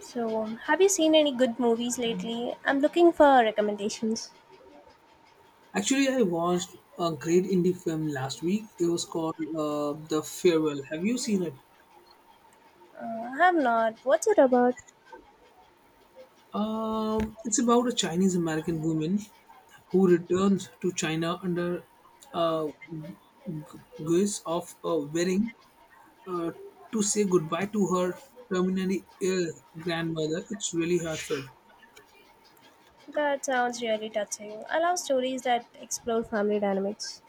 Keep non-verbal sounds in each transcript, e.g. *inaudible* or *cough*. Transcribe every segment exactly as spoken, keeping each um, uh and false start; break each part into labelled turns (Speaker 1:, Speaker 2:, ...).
Speaker 1: So, um, have you seen any good movies lately? I'm looking for recommendations.
Speaker 2: Actually, I watched a great indie film last week. It was called uh, The Farewell. Have you seen it?
Speaker 1: Uh, I have not. What's it about?
Speaker 2: Um, it's about a Chinese American woman who returns to China under uh, g- guise of a wedding, uh, to say goodbye to her terminally ill grandmother. It's really heartfelt.
Speaker 1: That sounds really touching. I love stories that explore family dynamics.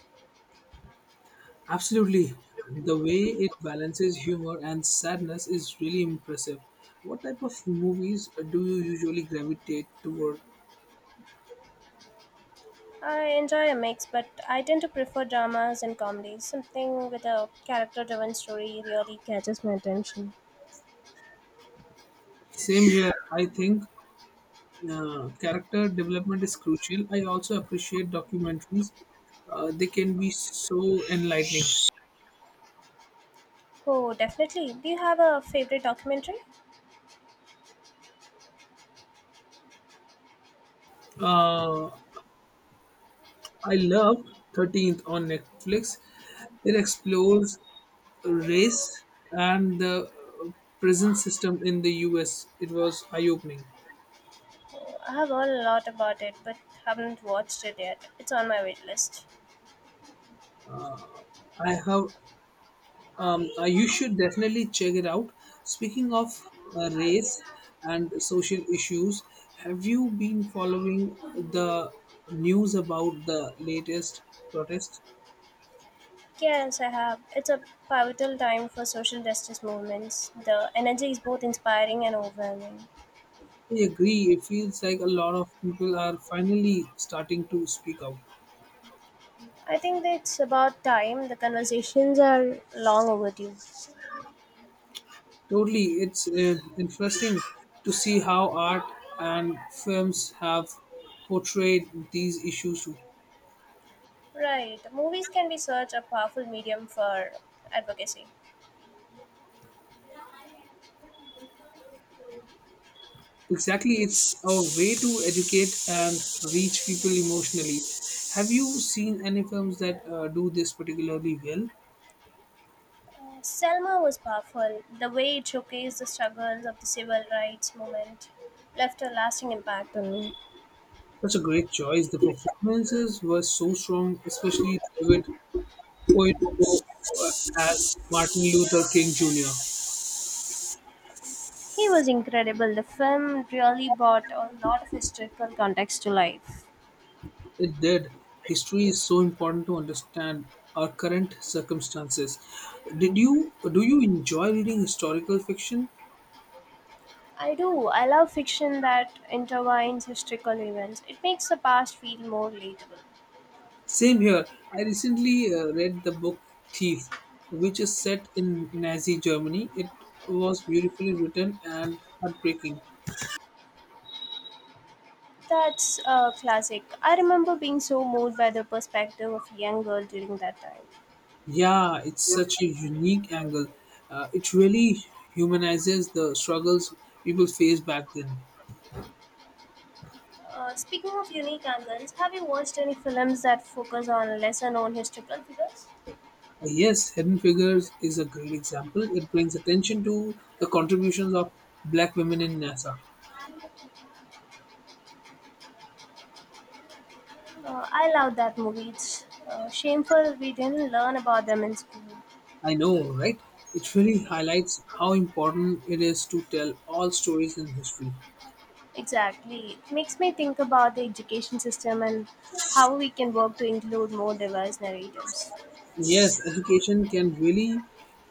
Speaker 2: Absolutely. The way it balances humor and sadness is really impressive. What type of movies do you usually gravitate toward?
Speaker 1: I enjoy a mix, but I tend to prefer dramas and comedies. Something with a character driven story really catches my attention.
Speaker 2: Same here. I think uh, character development is crucial. I also appreciate documentaries, uh, they can be so enlightening.
Speaker 1: Oh, definitely. Do you have a favorite documentary?
Speaker 2: Uh, I love thirteenth on Netflix, it explores race and the uh, prison system in the U S. It was eye opening.
Speaker 1: Oh, I have heard a lot about it, but haven't watched it yet. It's on my wait list.
Speaker 2: I have. Um, uh, you should definitely check it out. Speaking of uh, race and social issues, have you been following the news about the latest protests?
Speaker 1: Yes, I have. It's a pivotal time for social justice movements. The energy is both inspiring and overwhelming.
Speaker 2: I agree. It feels like a lot of people are finally starting to speak out.
Speaker 1: I think that it's about time. The conversations are long overdue.
Speaker 2: Totally, it's uh, interesting to see how art and films have portrayed these issues too.
Speaker 1: Right. Movies can be such a powerful medium for advocacy.
Speaker 2: Exactly, it's a way to educate and reach people emotionally. Have you seen any films that uh, do this particularly well?
Speaker 1: Selma was powerful. The way it showcased the struggles of the civil rights movement left a lasting impact on me.
Speaker 2: Such a great choice. The performances were so strong, especially David Oyelowo as Martin Luther King Junior
Speaker 1: He was incredible. The film really brought a lot of historical context to life.
Speaker 2: It did. History is so important to understand our current circumstances. Did you do you enjoy reading historical fiction?
Speaker 1: I do. I love fiction that intertwines historical events. It makes the past feel more relatable.
Speaker 2: Same here. I recently uh, read the book Thief, which is set in Nazi Germany. It was beautifully written and heartbreaking.
Speaker 1: That's a classic. I remember being so moved by the perspective of a young girl during that time.
Speaker 2: Yeah, it's such a unique angle. Uh, it really humanizes the struggles people faced back then.
Speaker 1: Uh, speaking of unique angles, have you watched any films that focus on lesser known historical figures?
Speaker 2: Uh, yes, Hidden Figures is a great example. It brings attention to the contributions of black women in NASA.
Speaker 1: Uh, I love that movie. It's uh, shameful we didn't learn about them in school.
Speaker 2: I know, right? It really highlights how important it is to tell all stories in history.
Speaker 1: Exactly. It makes me think about the education system and how we can work to include more diverse narratives.
Speaker 2: Yes, education can really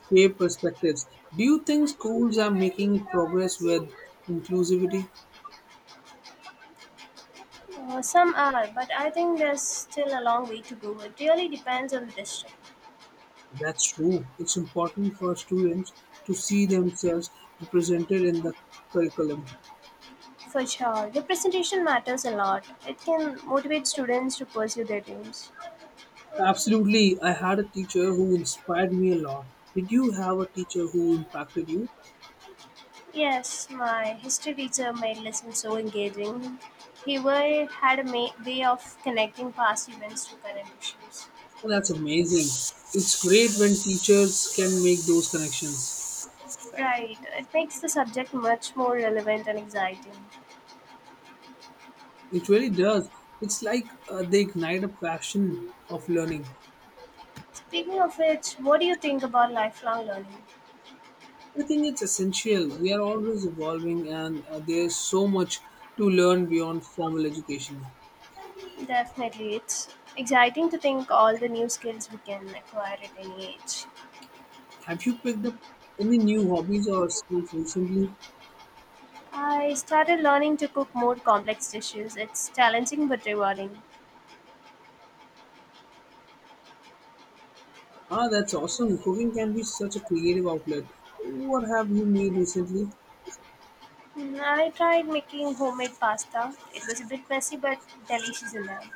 Speaker 2: shape perspectives. Do you think schools are making progress with inclusivity?
Speaker 1: Uh, some are, but I think there's still a long way to go. It really depends on the district.
Speaker 2: That's true. It's important for students to see themselves represented in the curriculum.
Speaker 1: For sure, representation matters a lot. It can motivate students to pursue their dreams.
Speaker 2: Absolutely. I had a teacher who inspired me a lot. Did you have a teacher who impacted you?
Speaker 1: Yes, my history teacher made lessons so engaging. He wa- had a ma- Way of connecting past events to current issues.
Speaker 2: Oh, that's amazing. It's great when teachers can make those connections.
Speaker 1: Right, it makes the subject much more relevant and exciting.
Speaker 2: It really does. It's like uh, they ignite a passion of learning.
Speaker 1: Speaking of which, what do you think about lifelong learning?
Speaker 2: I think it's essential. We are always evolving, and uh, there's so much to learn beyond formal education.
Speaker 1: Definitely. It's exciting to think all the new skills we can acquire at any age.
Speaker 2: Have you picked up any new hobbies or skills recently?
Speaker 1: I started learning to cook more complex dishes. It's challenging but rewarding.
Speaker 2: Ah, that's awesome. Cooking can be such a creative outlet. What have you made recently?
Speaker 1: Mm, I tried making homemade pasta. It was a bit messy but delicious in there.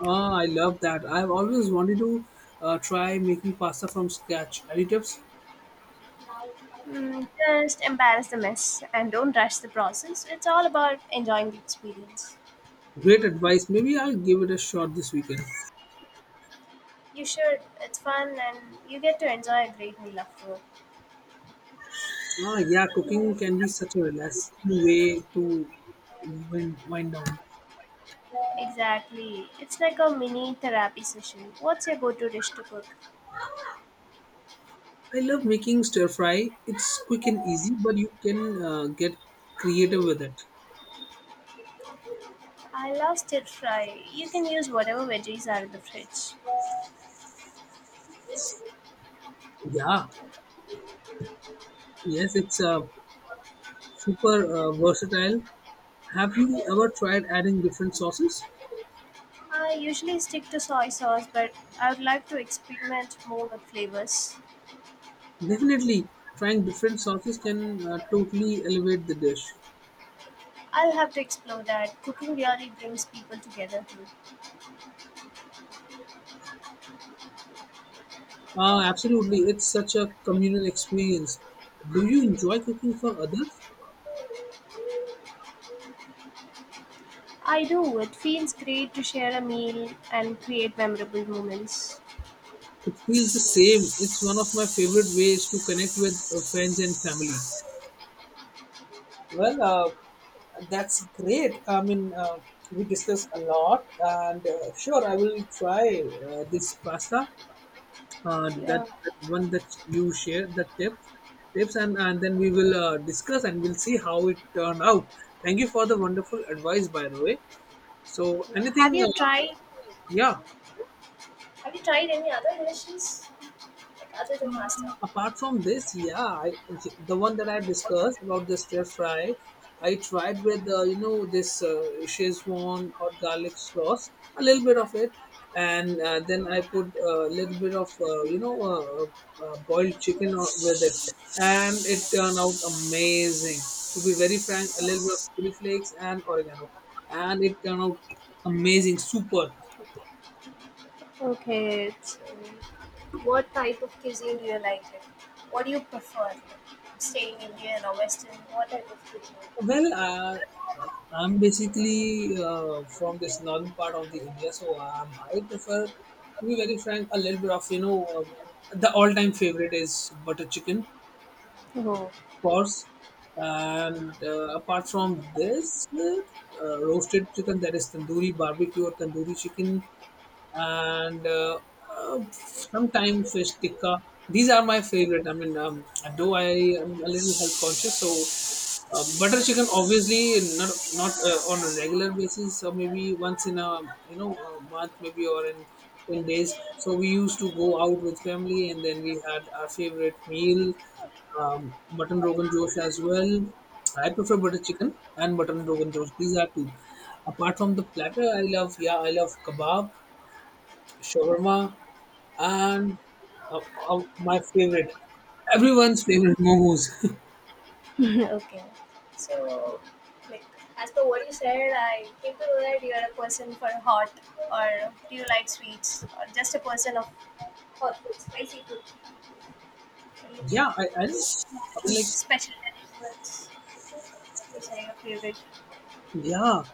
Speaker 2: Ah, I love that. I've always wanted to uh, try making pasta from scratch. Any tips?
Speaker 1: Mm, just embarrass the mess and don't rush the process. It's all about enjoying the experience.
Speaker 2: Great advice. Maybe I'll give it a shot this weekend.
Speaker 1: You should. It's fun and you get to enjoy a great meal afterward.
Speaker 2: Ah, yeah, cooking can be such a relaxing way to wind, wind down.
Speaker 1: Exactly. It's like a mini therapy session. What's your go to dish to cook?
Speaker 2: I love making stir fry. It's quick and easy, but you can uh, get creative with it.
Speaker 1: I love stir fry. You can use whatever veggies are in the fridge.
Speaker 2: Yeah, yes, it's uh, super uh, versatile. Have you ever tried adding different sauces?
Speaker 1: I usually stick to soy sauce, but I would like to experiment more with flavors.
Speaker 2: Definitely, trying different sauces can uh, totally elevate the dish.
Speaker 1: I'll have to explore that. Cooking really brings people together too.
Speaker 2: Uh, absolutely, it's such a communal experience. Do you enjoy cooking for others?
Speaker 1: I do. It feels great to share a meal and create memorable moments.
Speaker 2: It feels the same. It's one of my favorite ways to connect with uh, friends and family. Well, uh, that's great. I mean, uh, we discussed a lot, and uh, sure, I will try uh, this pasta. Uh, that,
Speaker 1: Yeah.
Speaker 2: that one that you shared, the tip, tips, and and then we will uh, discuss and we'll see how it turned out. Thank you for the wonderful advice, by the way. So, anything,
Speaker 1: Have you
Speaker 2: uh,
Speaker 1: tried?
Speaker 2: yeah.
Speaker 1: Have you tried any other dishes like other than pasta?
Speaker 2: Apart from this, yeah, I, the one that I discussed about the stir fry, I tried with uh, you know this uh, Szechuan or garlic sauce, a little bit of it, and uh, then I put a little bit of uh, you know uh, uh, boiled chicken o- with it, and it turned out amazing. To be very frank, a little bit of chili flakes and oregano, and it turned out amazing, super.
Speaker 1: Okay. So, what type of cuisine do you like? It? What do you prefer? Staying Indian or Western? What type of cuisine?
Speaker 2: Well, uh, I'm basically uh, from this northern part of the India, so um, I prefer, to be very frank, a little bit of you know, uh, the all-time favorite is butter chicken,
Speaker 1: Oh,
Speaker 2: of course, and uh, apart from this, uh, uh, roasted chicken, that is tandoori barbecue or tandoori chicken, and uh, uh, sometimes fish tikka. These are my favorite. I mean, um, though I am a little health conscious, so. Uh, butter chicken obviously not not uh, on a regular basis, or maybe once in a you know a month maybe, or in ten days, so we used to go out with family and then we had our favorite meal, um, mutton rogan josh as well. I prefer butter chicken and mutton rogan josh, these are two. Apart from the platter, I love yeah I love kebab, shawarma, and uh, uh, my favorite everyone's favorite momos *laughs*
Speaker 1: *laughs* okay. So, like, as per what you said, I came to know that you are a person for hot, or do you like sweets, or just a person of hot food, spicy food? What do you
Speaker 2: yeah i, I
Speaker 1: think?
Speaker 2: just
Speaker 1: Any
Speaker 2: like.
Speaker 1: special dishes which are your favorite?
Speaker 2: Yeah,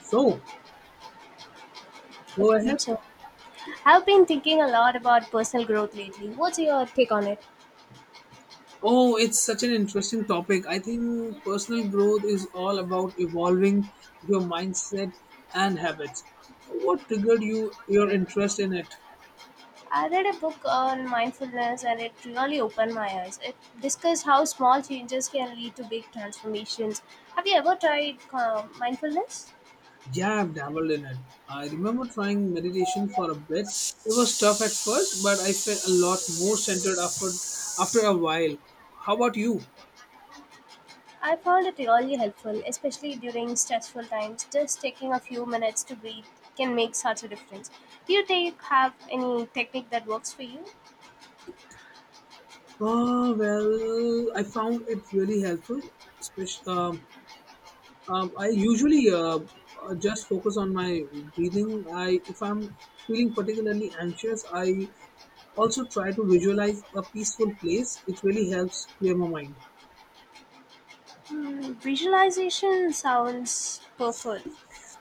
Speaker 2: so go
Speaker 1: Okay,
Speaker 2: ahead.
Speaker 1: so I've been thinking a lot about personal growth lately. What's your take on it?
Speaker 2: Oh, it's such an interesting topic. I think personal growth is all about evolving your mindset and habits. What triggered you your interest in it?
Speaker 1: I read a book on mindfulness and it really opened my eyes. It discussed how small changes can lead to big transformations. Have you ever tried uh, mindfulness?
Speaker 2: Yeah, I've dabbled in it. I remember trying meditation for a bit. It was tough at first, but I felt a lot more centered after after a while. How about you?
Speaker 1: I found it really helpful, especially during stressful times. Just taking a few minutes to breathe can make such a difference. Do you take have any technique that works for you?
Speaker 2: Oh, well, I found it really helpful, especially. Um, I usually uh, uh, just focus on my breathing. I If I'm feeling particularly anxious, I also try to visualize a peaceful place. It really helps clear my mind.
Speaker 1: Hmm, visualization sounds powerful.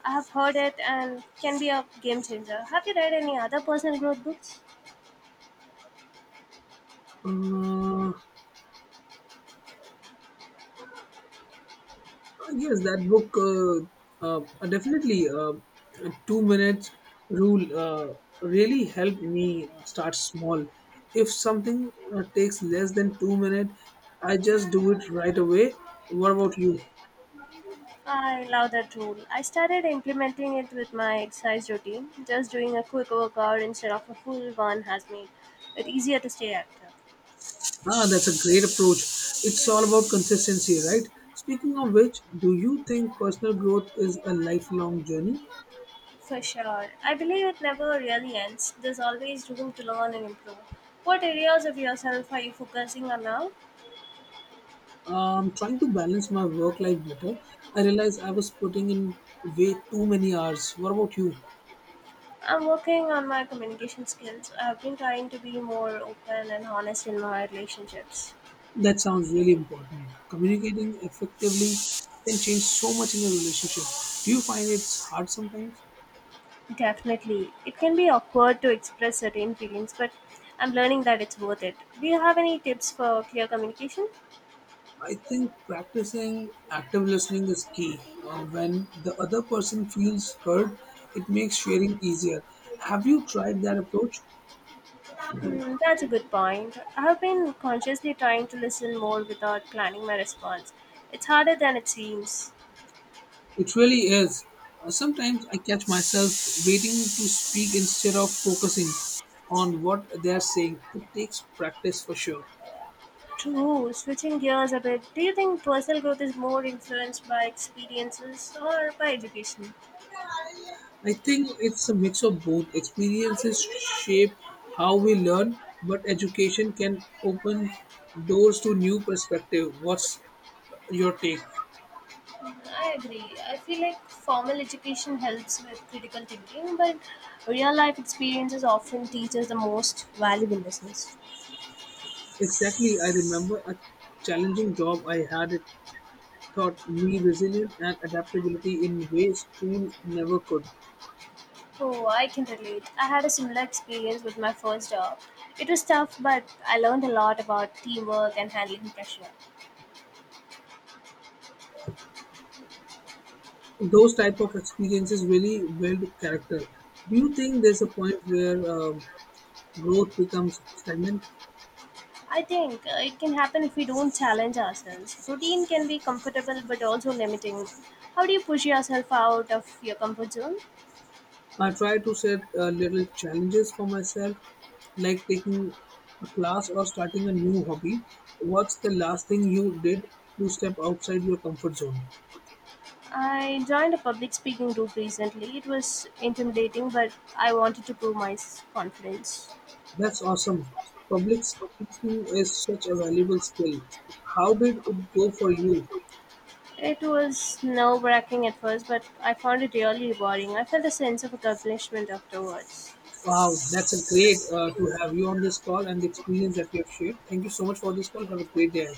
Speaker 1: I have heard it and can be a game changer. Have you read any other personal growth books?
Speaker 2: Uh, yes, that book uh, uh, uh, definitely uh, uh, two minutes rule uh, really helped me start small. If something uh, takes less than two minutes, I just do it right away. What about you?
Speaker 1: I love that rule. I started implementing it with my exercise routine. Just doing a quick workout instead of a full one has made it easier to stay active.
Speaker 2: Ah, that's a great approach. It's all about consistency, right? Speaking of which, do you think personal growth is a lifelong journey?
Speaker 1: For sure. I believe it never really ends. There's always room to learn and improve. What areas of yourself are you focusing on now?
Speaker 2: Um, trying to balance my work life better, I realized I was putting in way too many hours. What about you?
Speaker 1: I'm working on my communication skills. I've been trying to be more open and honest in my relationships.
Speaker 2: That sounds really important. Communicating effectively can change so much in a relationship. Do you find it's hard sometimes?
Speaker 1: Definitely. It can be awkward to express certain feelings, but I'm learning that it's worth it. Do you have any tips for clear communication?
Speaker 2: I think practicing active listening is key. Uh, when the other person feels heard, it makes sharing easier. Have you tried that approach?
Speaker 1: Hmm, that's a good point. I have been consciously trying to listen more without planning my response. It's harder than it seems.
Speaker 2: It really is. Uh, sometimes I catch myself waiting to speak instead of focusing on what they're saying. It takes practice for sure.
Speaker 1: True, switching gears a bit, do you think personal growth is more influenced by experiences or by education?
Speaker 2: I think it's a mix of both. Experiences shape how we learn, but education can open doors to new perspective. What's your take?
Speaker 1: I agree. I feel like formal education helps with critical thinking, but real life experiences often teach us the most valuable lessons.
Speaker 2: Exactly, I remember a challenging job I had. It taught me resilience and adaptability in ways school never could.
Speaker 1: Oh, I can relate. I had a similar experience with my first job. It was tough, but I learned a lot about teamwork and handling pressure.
Speaker 2: Those type of experiences really build character. Do you think there's a point where um growth becomes stagnant?
Speaker 1: I think uh, it can happen if we don't challenge ourselves. Routine can be comfortable but also limiting. How do you push yourself out of your comfort zone?
Speaker 2: I try to set uh, little challenges for myself, like taking a class or starting a new hobby. What's the last thing you did to step outside your comfort zone?
Speaker 1: I joined a public speaking group recently. It was intimidating, but I wanted to prove my s- confidence.
Speaker 2: That's awesome. Public speaking is such a valuable skill. How did it go for you?
Speaker 1: It was nerve wracking at first, but I found it really rewarding. I felt a sense of accomplishment afterwards.
Speaker 2: Wow, that's a great uh, to have you on this call and the experience that we have shared. Thank you so much for this call. Have a great day.